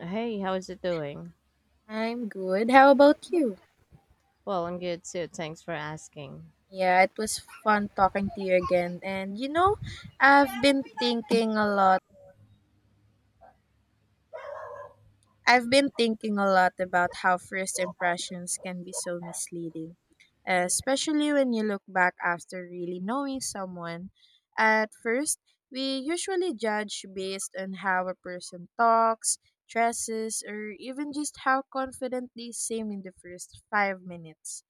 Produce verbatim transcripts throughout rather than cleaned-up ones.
Hey, how is it doing? I'm good. How about you? Well, I'm good too. Thanks for asking. Yeah, it was fun talking to you again. And you know, I've been thinking a lot. I've been thinking a lot about how first impressions can be so misleading, especially when you look back after really knowing someone. At first, we usually judge based on how a person talks, dresses, or even just how confident they seem in the first five minutes.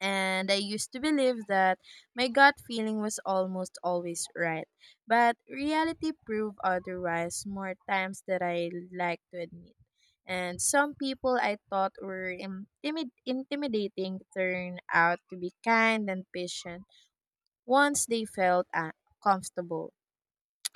And I used to believe that my gut feeling was almost always right. But reality proved otherwise more times than I like to admit. And some people I thought were intimid- intimidating turned out to be kind and patient once they felt uh, comfortable,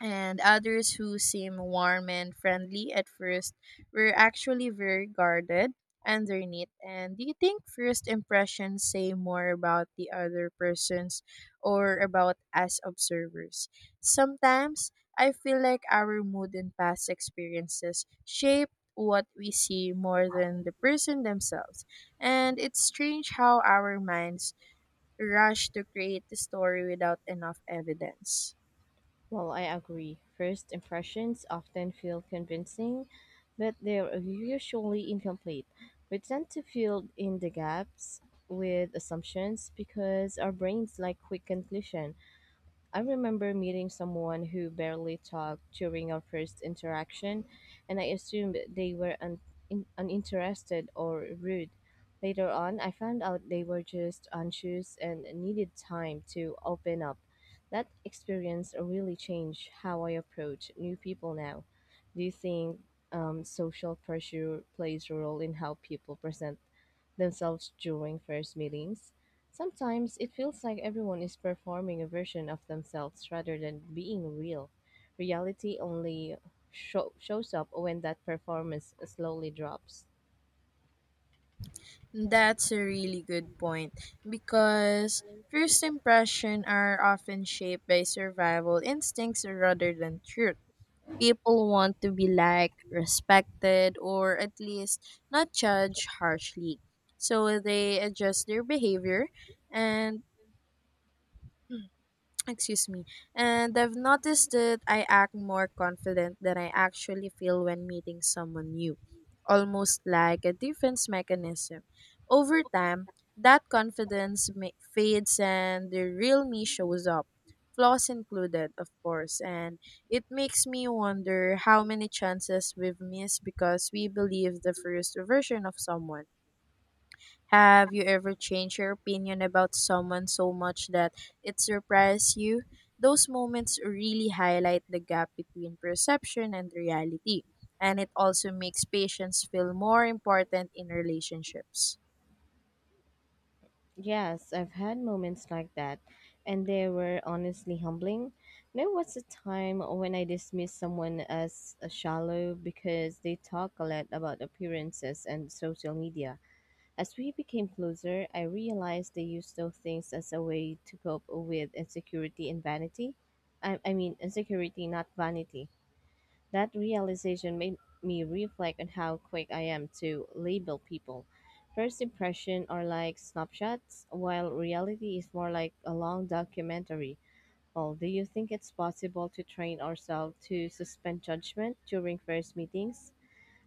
and others who seem warm and friendly at first were actually very guarded underneath. And do you think first impressions say more about the other persons or about us observers? Sometimes I feel like our mood and past experiences shape what we see more than the person themselves. And it's strange how our minds rush to create the story without enough evidence. Well, I agree. First impressions often feel convincing, but they're usually incomplete. We tend to fill in the gaps with assumptions because our brains like quick conclusions. I remember meeting someone who barely talked during our first interaction, and I assumed they were un- in- uninterested or rude. Later on, I found out they were just anxious and needed time to open up. That experience really changed how I approach new people now. Do you think um, social pressure plays a role in how people present themselves during first meetings? Sometimes it feels like everyone is performing a version of themselves rather than being real. Reality only show, shows up when that performance slowly drops. That's a really good point, because first impressions are often shaped by survival instincts rather than truth. People want to be liked, respected, or at least not judged harshly. So they adjust their behavior and, excuse me, and I've noticed that I act more confident than I actually feel when meeting someone new, almost like a defense mechanism. Over time, that confidence ma- fades, and the real me shows up, flaws included, of course. And it makes me wonder how many chances we've missed because we believe the first version of someone. Have you ever changed your opinion about someone so much that it surprised you? Those moments really highlight the gap between perception and reality, and it also makes patience feel more important in relationships. Yes, I've had moments like that, and they were honestly humbling. There was a time when I dismissed someone as a shallow because they talk a lot about appearances and social media. As we became closer, I realized they used those things as a way to cope with insecurity and vanity. I, I mean, insecurity, not vanity. That realization made me reflect on how quick I am to label people. First impression are like snapshots, while reality is more like a long documentary. Well, do you think it's possible to train ourselves to suspend judgment during first meetings?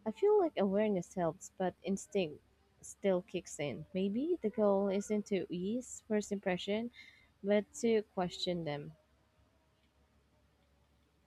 I feel like awareness helps, but instinct still kicks in. Maybe the goal isn't to ease first impression, but to question them.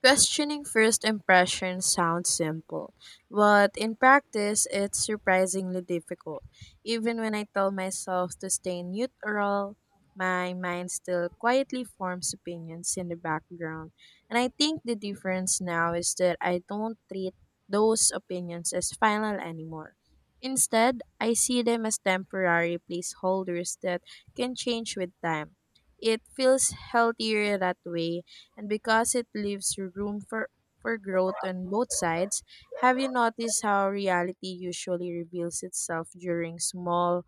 Questioning first impressions sounds simple, but in practice, it's surprisingly difficult. Even when I tell myself to stay neutral, my mind still quietly forms opinions in the background. And I think the difference now is that I don't treat those opinions as final anymore. Instead, I see them as temporary placeholders that can change with time. It feels healthier that way, and because it leaves room for, for growth on both sides. Have you noticed how reality usually reveals itself during small,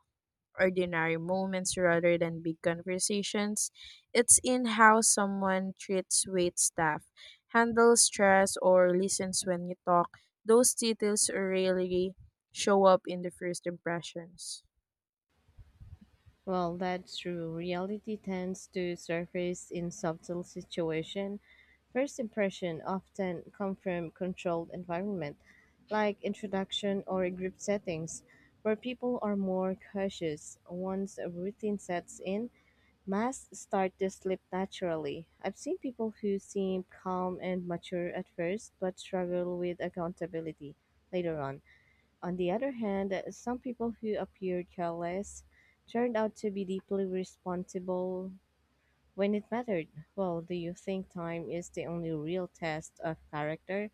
ordinary moments rather than big conversations? It's in how someone treats wait staff, handles stress, or listens when you talk. Those details rarely show up in the first impressions. Well, that's true. Reality tends to surface in subtle situation. First impression often come from controlled environment, like introduction or group settings, where people are more cautious. Once a routine sets in, masks start to slip naturally. I've seen people who seem calm and mature at first, but struggle with accountability later on. On the other hand, some people who appeared careless turned out to be deeply responsible when it mattered. Well, do you think time is the only real test of character?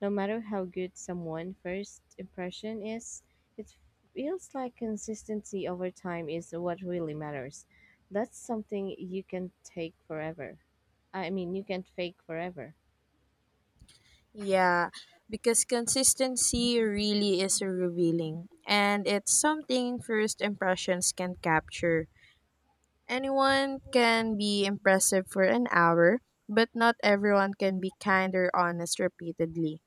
No matter how good someone's first impression is, it feels like consistency over time is what really matters. That's something you can take forever. I mean, you can't fake forever. Yeah, because consistency really is revealing, and it's something first impressions can capture. Anyone can be impressive for an hour, but not everyone can be kind or honest repeatedly.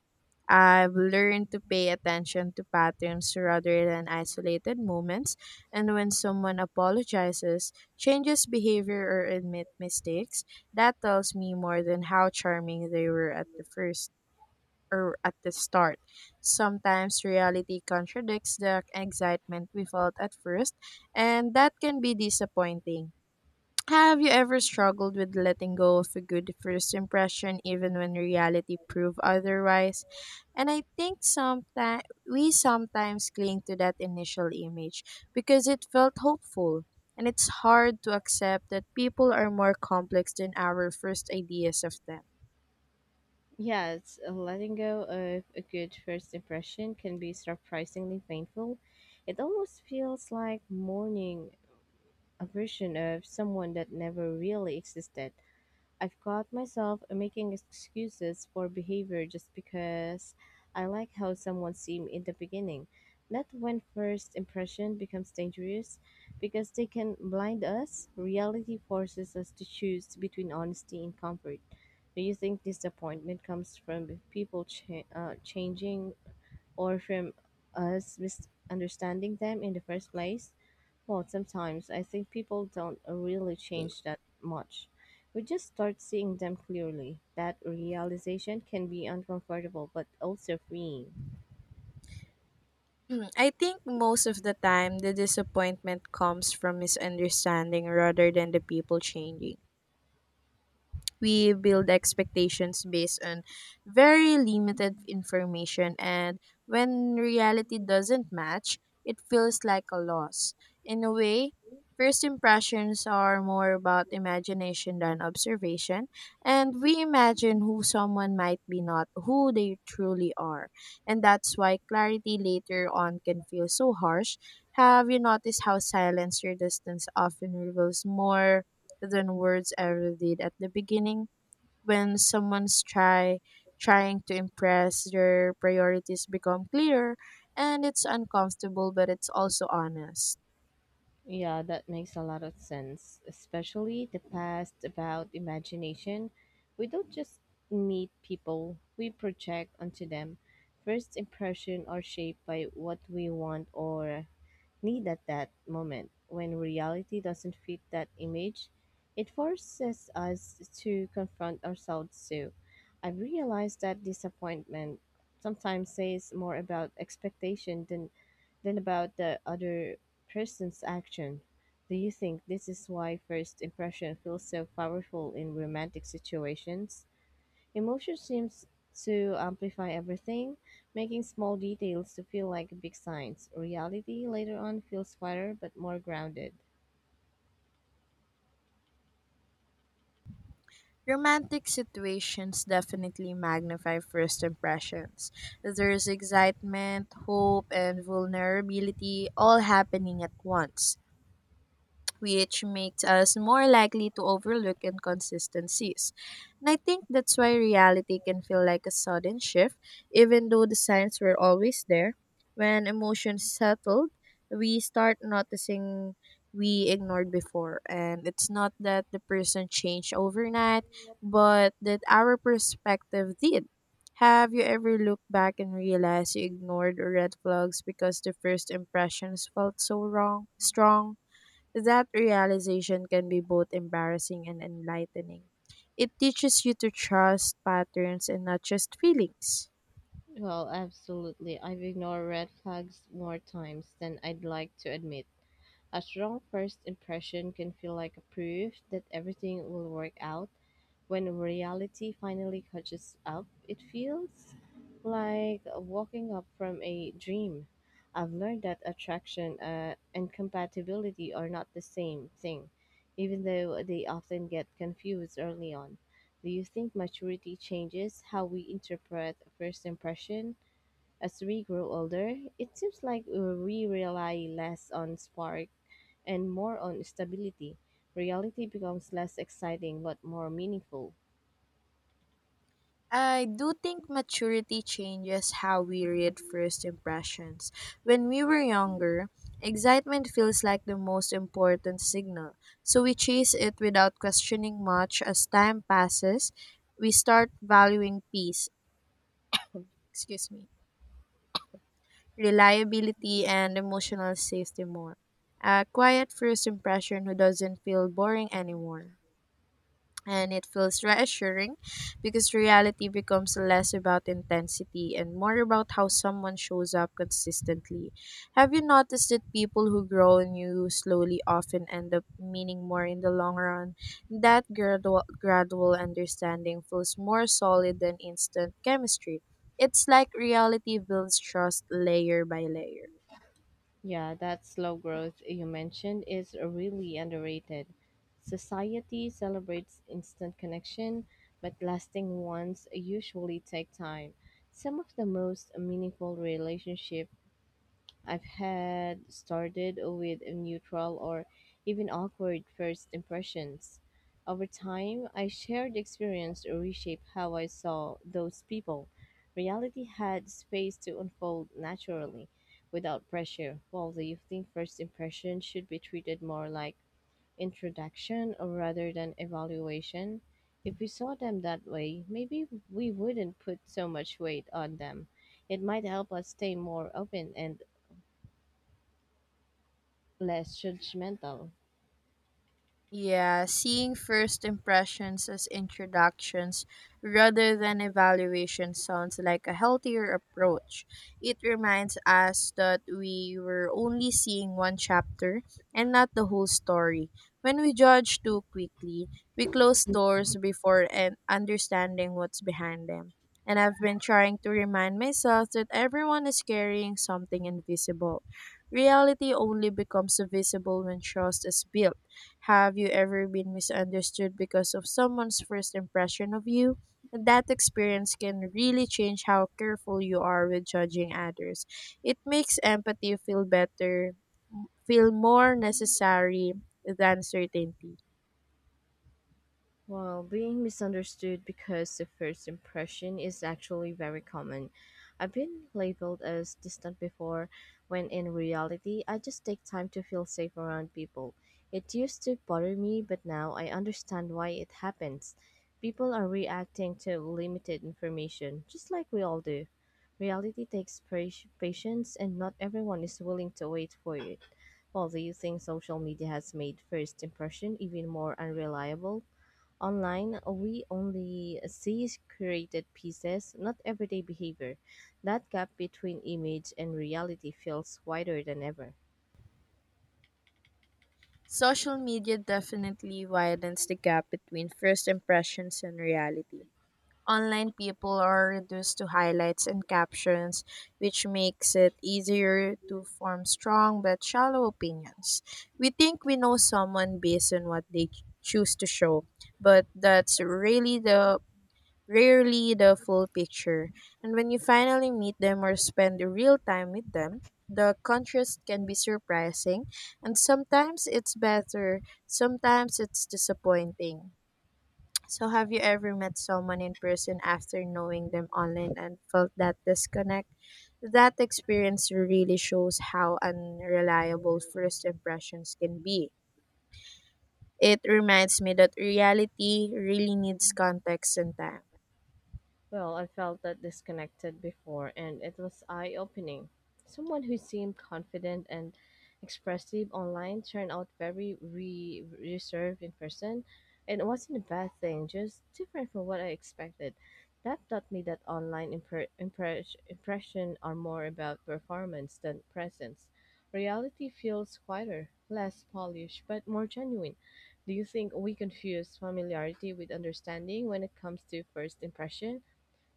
I've learned to pay attention to patterns rather than isolated moments, and when someone apologizes, changes behavior, or admit mistakes, that tells me more than how charming they were at the first or at the start. Sometimes reality contradicts the excitement we felt at first, and that can be disappointing. Have you ever struggled with letting go of a good first impression even when reality proved otherwise? And I think sometimes we sometimes cling to that initial image because it felt hopeful. And it's hard to accept that people are more complex than our first ideas of them. Yes, uh, letting go of a good first impression can be surprisingly painful. It almost feels like mourning a version of someone that never really existed. I've caught myself making excuses for behavior just because I like how someone seemed in the beginning. Not when first impression becomes dangerous because they can blind us. Reality forces us to choose between honesty and comfort. Do you think disappointment comes from people cha- uh, changing or from us misunderstanding them in the first place? Well, sometimes I think people don't really change that much. We just start seeing them clearly. That realization can be uncomfortable but also freeing. Hmm, I think most of the time the disappointment comes from misunderstanding rather than the people changing. We build expectations based on very limited information, and when reality doesn't match, it feels like a loss. In a way, first impressions are more about imagination than observation, and we imagine who someone might be, not who they truly are. And that's why clarity later on can feel so harsh. Have you noticed how silence or distance often reveals more than words ever did at the beginning? When someone's try trying to impress, their priorities become clearer, and it's uncomfortable, but it's also honest. Yeah, that makes a lot of sense, especially the past about imagination. We don't just meet people, we project onto them. First impression are shaped by what we want or need at that moment. When reality doesn't fit that image, it forces us to confront ourselves too. I've realized that disappointment sometimes says more about expectation than, than about the other person's action. Do you think this is why first impression feels so powerful in romantic situations? Emotion seems to amplify everything, making small details to feel like big signs. Reality later on feels quieter but more grounded. Romantic situations definitely magnify first impressions. There's excitement, hope, and vulnerability all happening at once, which makes us more likely to overlook inconsistencies. And I think that's why reality can feel like a sudden shift, even though the signs were always there. When emotions settled, we start noticing we ignored before. And it's not that the person changed overnight, but that our perspective did. Have you ever looked back and realized you ignored red flags because the first impressions felt so wrong, strong? That realization can be both embarrassing and enlightening. It teaches you to trust patterns and not just feelings. Well, absolutely. I've ignored red flags more times than I'd like to admit. A strong first impression can feel like a proof that everything will work out. When reality finally catches up, it feels like walking up from a dream. I've learned that attraction uh, and compatibility are not the same thing, even though they often get confused early on. Do you think maturity changes how we interpret first impression as we grow older? It seems like we rely less on spark and more on stability. Reality becomes less exciting but more meaningful. I do think maturity changes how we read first impressions. When we were younger, excitement feels like the most important signal, so we chase it without questioning much. As time passes, we start valuing peace. Excuse me, reliability, and emotional safety more. A quiet first impression who doesn't feel boring anymore. And it feels reassuring because reality becomes less about intensity and more about how someone shows up consistently. Have you noticed that people who grow on you slowly often end up meaning more in the long run? That gradual, gradual understanding feels more solid than instant chemistry. It's like reality builds trust layer by layer. Yeah, that slow growth you mentioned is really underrated. Society celebrates instant connection, but lasting ones usually take time. Some of the most meaningful relationships I've had started with a neutral or even awkward first impressions. Over time, I shared experience to reshape how I saw those people. Reality had space to unfold naturally without pressure. While do you think first impression should be treated more like introduction or rather than evaluation? If we saw them that way, maybe we wouldn't put so much weight on them. It might help us stay more open and less judgmental. Yeah, seeing first impressions as introductions rather than evaluation sounds like a healthier approach. It reminds us that we were only seeing one chapter and not the whole story. When we judge too quickly, we close doors before and understanding what's behind them. And I've been trying to remind myself that everyone is carrying something invisible. Reality only becomes visible when trust is built. Have you ever been misunderstood because of someone's first impression of you? And that experience can really change how careful you are with judging others. It makes empathy feel better, feel more necessary than certainty. Well, being misunderstood because the first impression is actually very common. I've been labeled as distant before, when in reality, I just take time to feel safe around people. It used to bother me, but now I understand why it happens. People are reacting to limited information, just like we all do. Reality takes pra- patience, and not everyone is willing to wait for it. Well, do you think social media has made first impression even more unreliable? Online, we only see curated pieces, not everyday behavior. That gap between image and reality feels wider than ever. Social media definitely widens the gap between first impressions and reality. Online, people are reduced to highlights and captions, which makes it easier to form strong but shallow opinions. We think we know someone based on what they choose to show, but that's really the rarely the full picture. And when you finally meet them or spend real time with them, the contrast can be surprising, and sometimes it's better, sometimes it's disappointing. So, have you ever met someone in person after knowing them online and felt that disconnect? That experience really shows how unreliable first impressions can be. It reminds me that reality really needs context and time. Well, I felt that disconnected before, and it was eye opening. Someone who seemed confident and expressive online turned out very re- reserved in person, and it wasn't a bad thing, just different from what I expected. That taught me that online impre- impress- impression are more about performance than presence. Reality feels quieter, less polished, but more genuine. Do you think we confuse familiarity with understanding when it comes to first impression?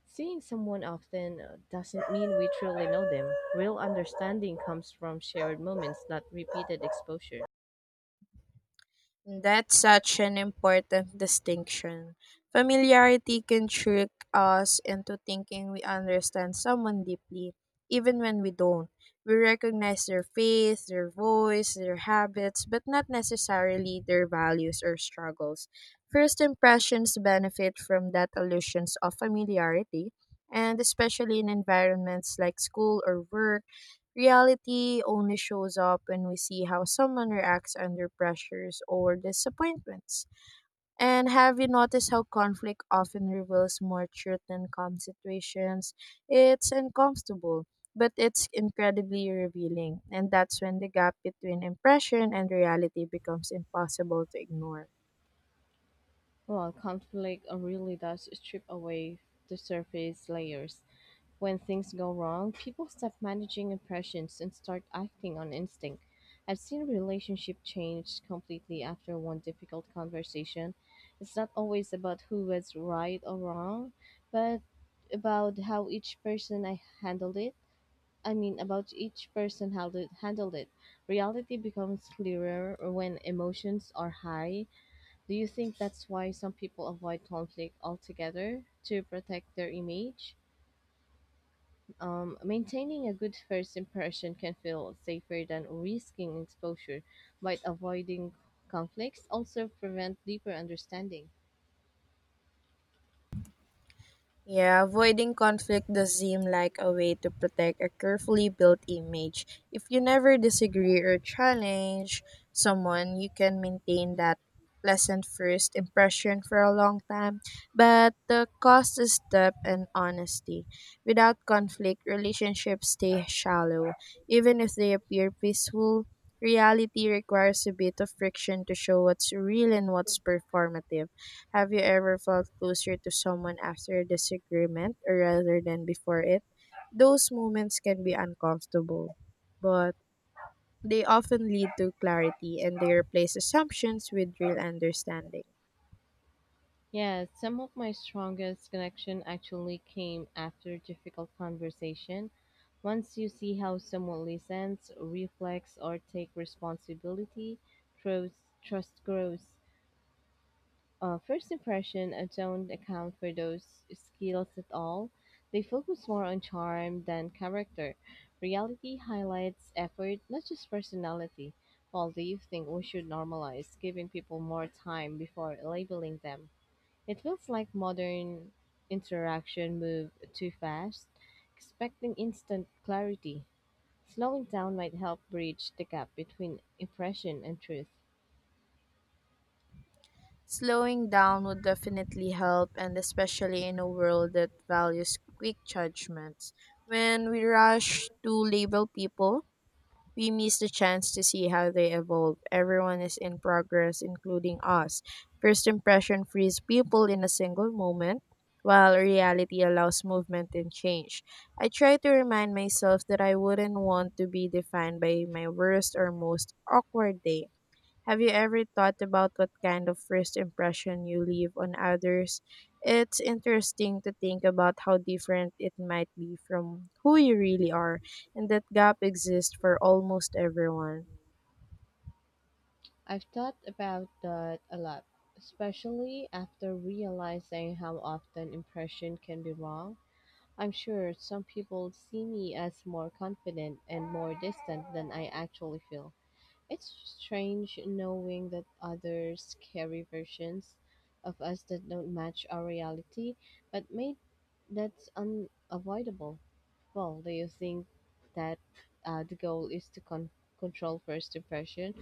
Seeing someone often uh, doesn't mean we truly know them. Real understanding comes from shared moments, not repeated exposure. That's such an important distinction. Familiarity can trick us into thinking we understand someone deeply, even when we don't. We recognize their faith, their voice, their habits, but not necessarily their values or struggles. First impressions benefit from that illusions of familiarity, and especially in environments like school or work. Reality only shows up when we see how someone reacts under pressures or disappointments. And have you noticed how conflict often reveals more truth than calm situations? It's uncomfortable, but it's incredibly revealing. And that's when the gap between impression and reality becomes impossible to ignore. Well, conflict uh, really does strip away the surface layers. When things go wrong, people stop managing impressions and start acting on instinct. I've seen relationship change completely after one difficult conversation. It's not always about who was right or wrong, but about how each person I handled it. I mean, about each person how to handled it. Reality becomes clearer when emotions are high. Do you think that's why some people avoid conflict altogether to protect their image? Um, maintaining a good first impression can feel safer than risking exposure, but avoiding conflicts also prevent deeper understanding. Yeah, avoiding conflict does seem like a way to protect a carefully built image. If you never disagree or challenge someone, you can maintain that pleasant first impression for a long time. But the cost is depth and honesty. Without conflict, relationships stay shallow. Even if they appear peaceful, reality requires a bit of friction to show what's real and what's performative. Have you ever felt closer to someone after a disagreement or rather than before it? Those moments can be uncomfortable, but they often lead to clarity, and they replace assumptions with real understanding. Yes, some of my strongest connection actually came after difficult conversation. Once you see how someone listens, reflects, or take responsibility, trust, trust grows. Uh, first impression uh, don't account for those skills at all. They focus more on charm than character. Reality highlights effort, not just personality. Paul, do you think we should normalize giving people more time before labeling them? It feels like modern interaction move too fast, expecting instant clarity. Slowing down might help bridge the gap between impression and truth. Slowing down would definitely help, and especially in a world that values quick judgments. When we rush to label people, we miss the chance to see how they evolve. Everyone is in progress, including us. First impression frees people in a single moment, while reality allows movement and change. I try to remind myself that I wouldn't want to be defined by my worst or most awkward day. Have you ever thought about what kind of first impression you leave on others? It's interesting to think about how different it might be from who you really are, and that gap exists for almost everyone. I've thought about that a lot, especially after realizing how often impression can be wrong. I'm sure some people see me as more confident and more distant than I actually feel. It's strange knowing that others carry versions of us that don't match our reality, but mate, that's unavoidable. Well, do you think that uh, the goal is to con- control first impression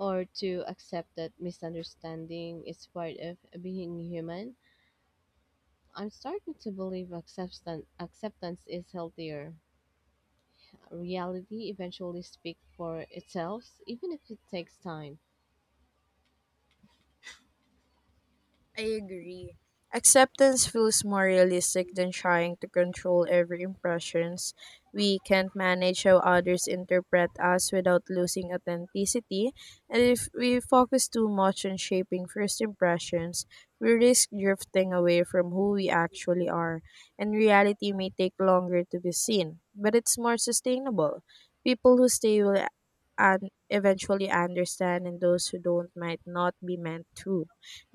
or to accept that misunderstanding is part of being human? I'm starting to believe acceptance, acceptance is healthier. Reality eventually speaks for itself, even if it takes time. I agree. Acceptance feels more realistic than trying to control every impressions. We can't manage how others interpret us without losing authenticity, and if we focus too much on shaping first impressions, we risk drifting away from who we actually are, and reality may take longer to be seen, but it's more sustainable. People who stay will and eventually understand, and those who don't might not be meant to.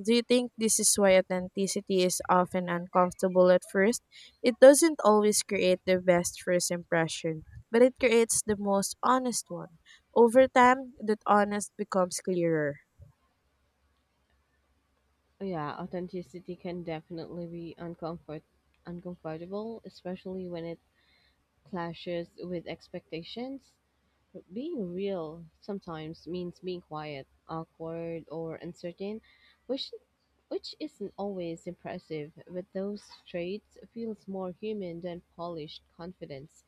Do you think this is why authenticity is often uncomfortable at first? It doesn't always create the best first impression, but it creates the most honest one. Over time, that honest becomes clearer. Yeah, authenticity can definitely be uncomfort uncomfortable, especially when it clashes with expectations. Being real sometimes means being quiet, awkward, or uncertain, which which isn't always impressive, but those traits feels more human than polished confidence.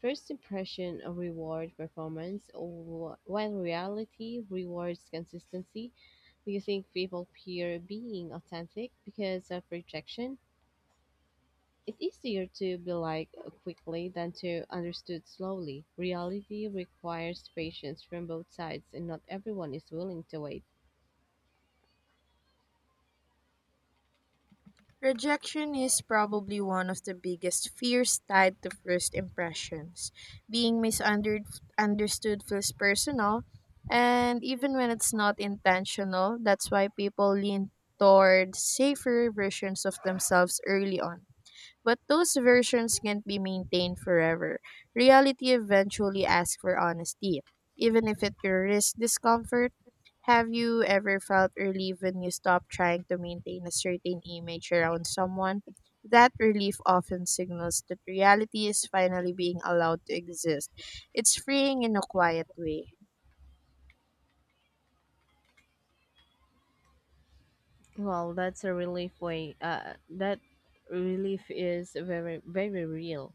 First impression reward performance, or wh- while reality rewards consistency. Do you think people fear being authentic because of rejection? It's easier to be like quickly than to understood slowly. Reality requires patience from both sides, and not everyone is willing to wait. Rejection is probably one of the biggest fears tied to first impressions. Being misunderstood feels personal, and even when it's not intentional, that's why people lean toward safer versions of themselves early on. But those versions can't be maintained forever. Reality eventually asks for honesty, even if it risks discomfort. Have you ever felt relief when you stop trying to maintain a certain image around someone? That relief often signals that reality is finally being allowed to exist. It's freeing in a quiet way. Well, that's a relief way. Uh, that relief is very, very real.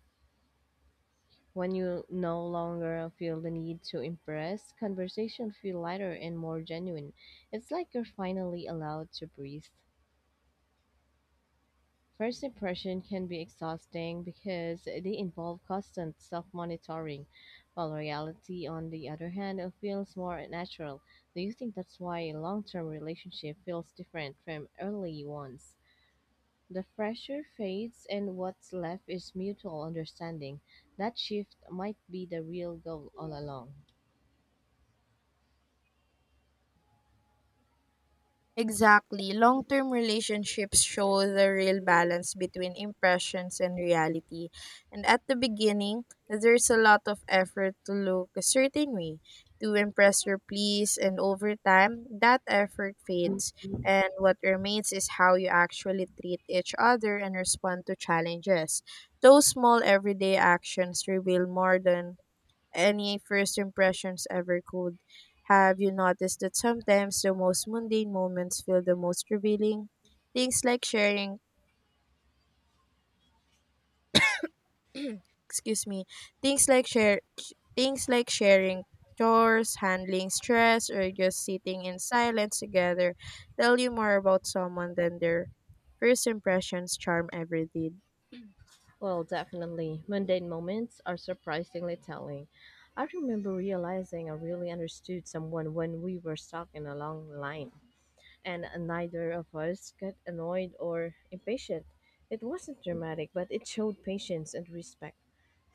When you no longer feel the need to impress, conversation feel lighter and more genuine. It's like you're finally allowed to breathe. First impression can be exhausting because they involve constant self monitoring, while reality, on the other hand, uh, feels more natural. Do you think that's why a long term relationship feels different from early ones? The pressure fades, and what's left is mutual understanding. That shift might be the real goal all along. Exactly. Long term relationships show the real balance between impressions and reality. And at the beginning, there's a lot of effort to look a certain way, to impress or please, and over time, that effort fades. And what remains is how you actually treat each other and respond to challenges. Those small everyday actions reveal more than any first impressions ever could. Have you noticed that sometimes the most mundane moments feel the most revealing? Things like sharing, excuse me, things like share, Things like sharing chores, handling stress, or just sitting in silence together tell you more about someone than their first impressions charm ever did. Well, definitely. Mundane moments are surprisingly telling. I remember realizing I really understood someone when we were stuck in a long line, and neither of us got annoyed or impatient. It wasn't dramatic, but it showed patience and respect.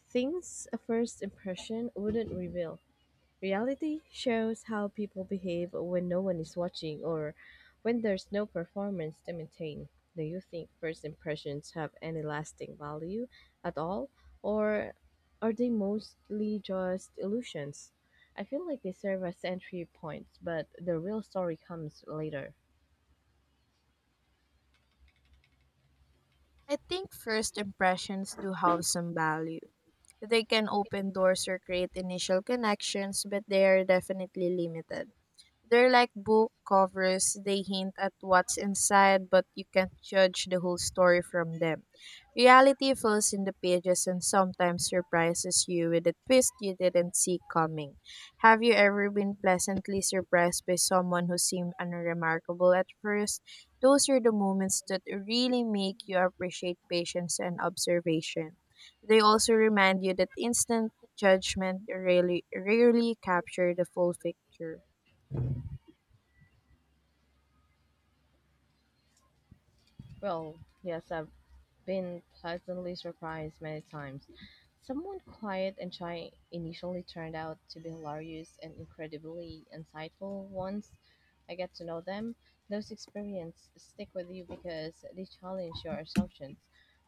Things a first impression wouldn't reveal. Reality shows how people behave when no one is watching or when there's no performance to maintain. Do you think first impressions have any lasting value at all, or are they mostly just illusions? I feel like they serve as entry points, but the real story comes later. I think first impressions do have some value. They can open doors or create initial connections, but they are definitely limited. They're like book covers, they hint at what's inside, but you can't judge the whole story from them. Reality fills in the pages and sometimes surprises you with a twist you didn't see coming. Have you ever been pleasantly surprised by someone who seemed unremarkable at first? Those are the moments that really make you appreciate patience and observation. They also remind you that instant judgment rarely, rarely capture the full picture. Well, yes, I've been pleasantly surprised many times. Someone quiet and shy initially turned out to be hilarious and incredibly insightful once I get to know them. Those experiences stick with you because they challenge your assumptions.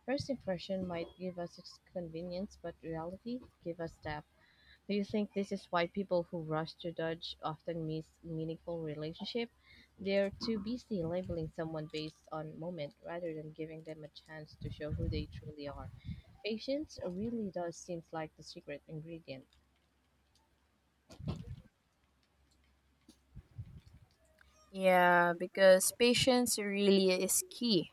First impression might give us convenience, but reality give us depth. Do you think this is why people who rush to judge often miss meaningful relationship? They're too busy labeling someone based on moment rather than giving them a chance to show who they truly are. Patience really does seems like the secret ingredient. Yeah, because patience really is key.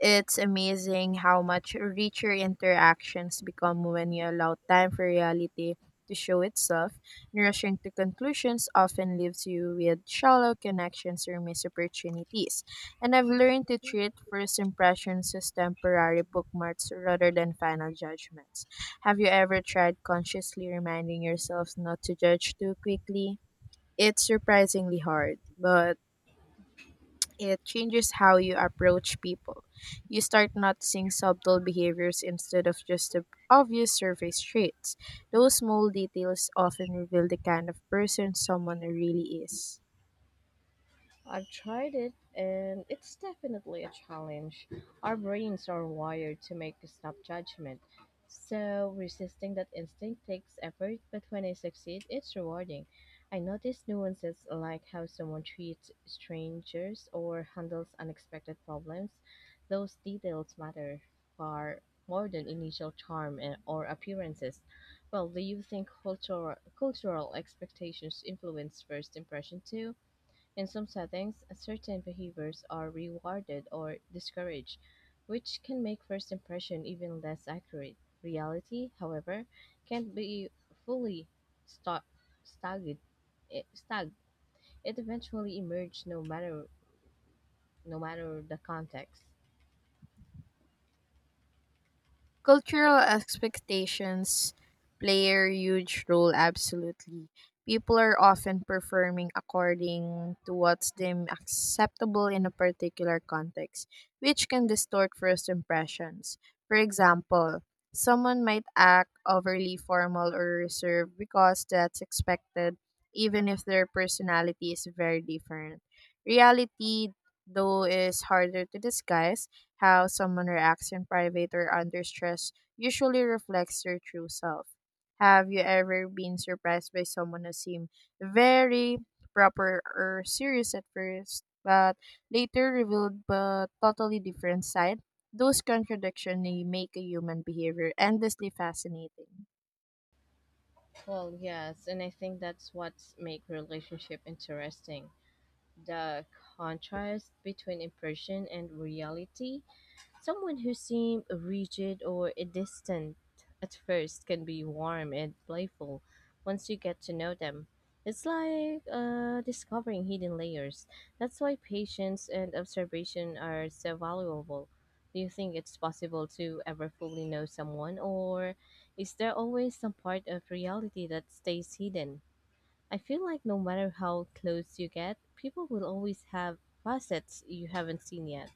It's amazing how much richer interactions become when you allow time for reality to show itself. And rushing to conclusions often leaves you with shallow connections or missed opportunities. And I've learned to treat first impressions as temporary bookmarks rather than final judgments. Have you ever tried consciously reminding yourself not to judge too quickly? It's surprisingly hard, but it changes how you approach people. You start noticing subtle behaviors instead of just the obvious surface traits. Those small details often reveal the kind of person someone really is. I've tried it and it's definitely a challenge. Our brains are wired to make a snap judgment. So resisting that instinct takes effort, but when I succeed, it's rewarding. I notice nuances like how someone treats strangers or handles unexpected problems. Those details matter far more than initial charm and, or appearances. Well, do you think cultural, cultural expectations influence first impression too? In some settings, certain behaviors are rewarded or discouraged, which can make first impression even less accurate. Reality, however, can't be fully sta- stagged. It, stagged. It eventually emerges no matter no matter the context. Cultural expectations play a huge role, absolutely. People are often performing according to what's deemed acceptable in a particular context, which can distort first impressions. For example, someone might act overly formal or reserved because that's expected, even if their personality is very different. Reality, though, is harder to disguise how someone reacts in private or under stress usually reflects their true self. Have you ever been surprised by someone who seemed very proper or serious at first, but later revealed a totally different side? Those contradictions make a human behavior endlessly fascinating. Well, yes, and I think that's what makes relationship interesting. The contrast between impression and reality. Someone who seemed rigid or distant at first can be warm and playful once you get to know them. It's like uh, discovering hidden layers. That's why patience and observation are so valuable. Do you think it's possible to ever fully know someone, or is there always some part of reality that stays hidden? I feel like no matter how close you get, people will always have facets you haven't seen yet.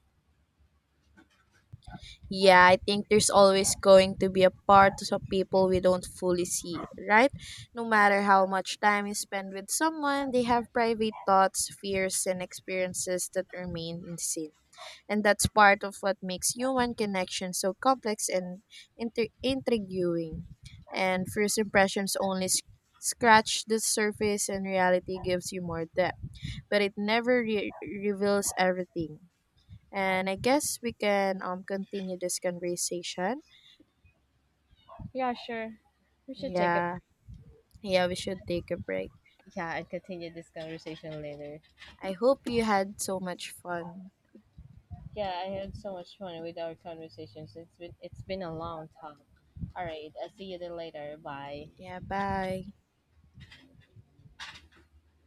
Yeah, I think there's always going to be a part of people we don't fully see, right? No matter how much time you spend with someone, they have private thoughts, fears, and experiences that remain unseen. And that's part of what makes human connection so complex and inter- intriguing. And first impressions only sc- scratch the surface, and reality gives you more depth, but it never re- reveals everything. And I guess we can um continue this conversation. Yeah, sure. We should take a. Yeah. Yeah, we should take a break. Yeah, and continue this conversation later. I hope you had so much fun. Yeah, I had so much fun with our conversations. It's been it's been a long time. All right, I'll see you then later. Bye. Yeah, bye.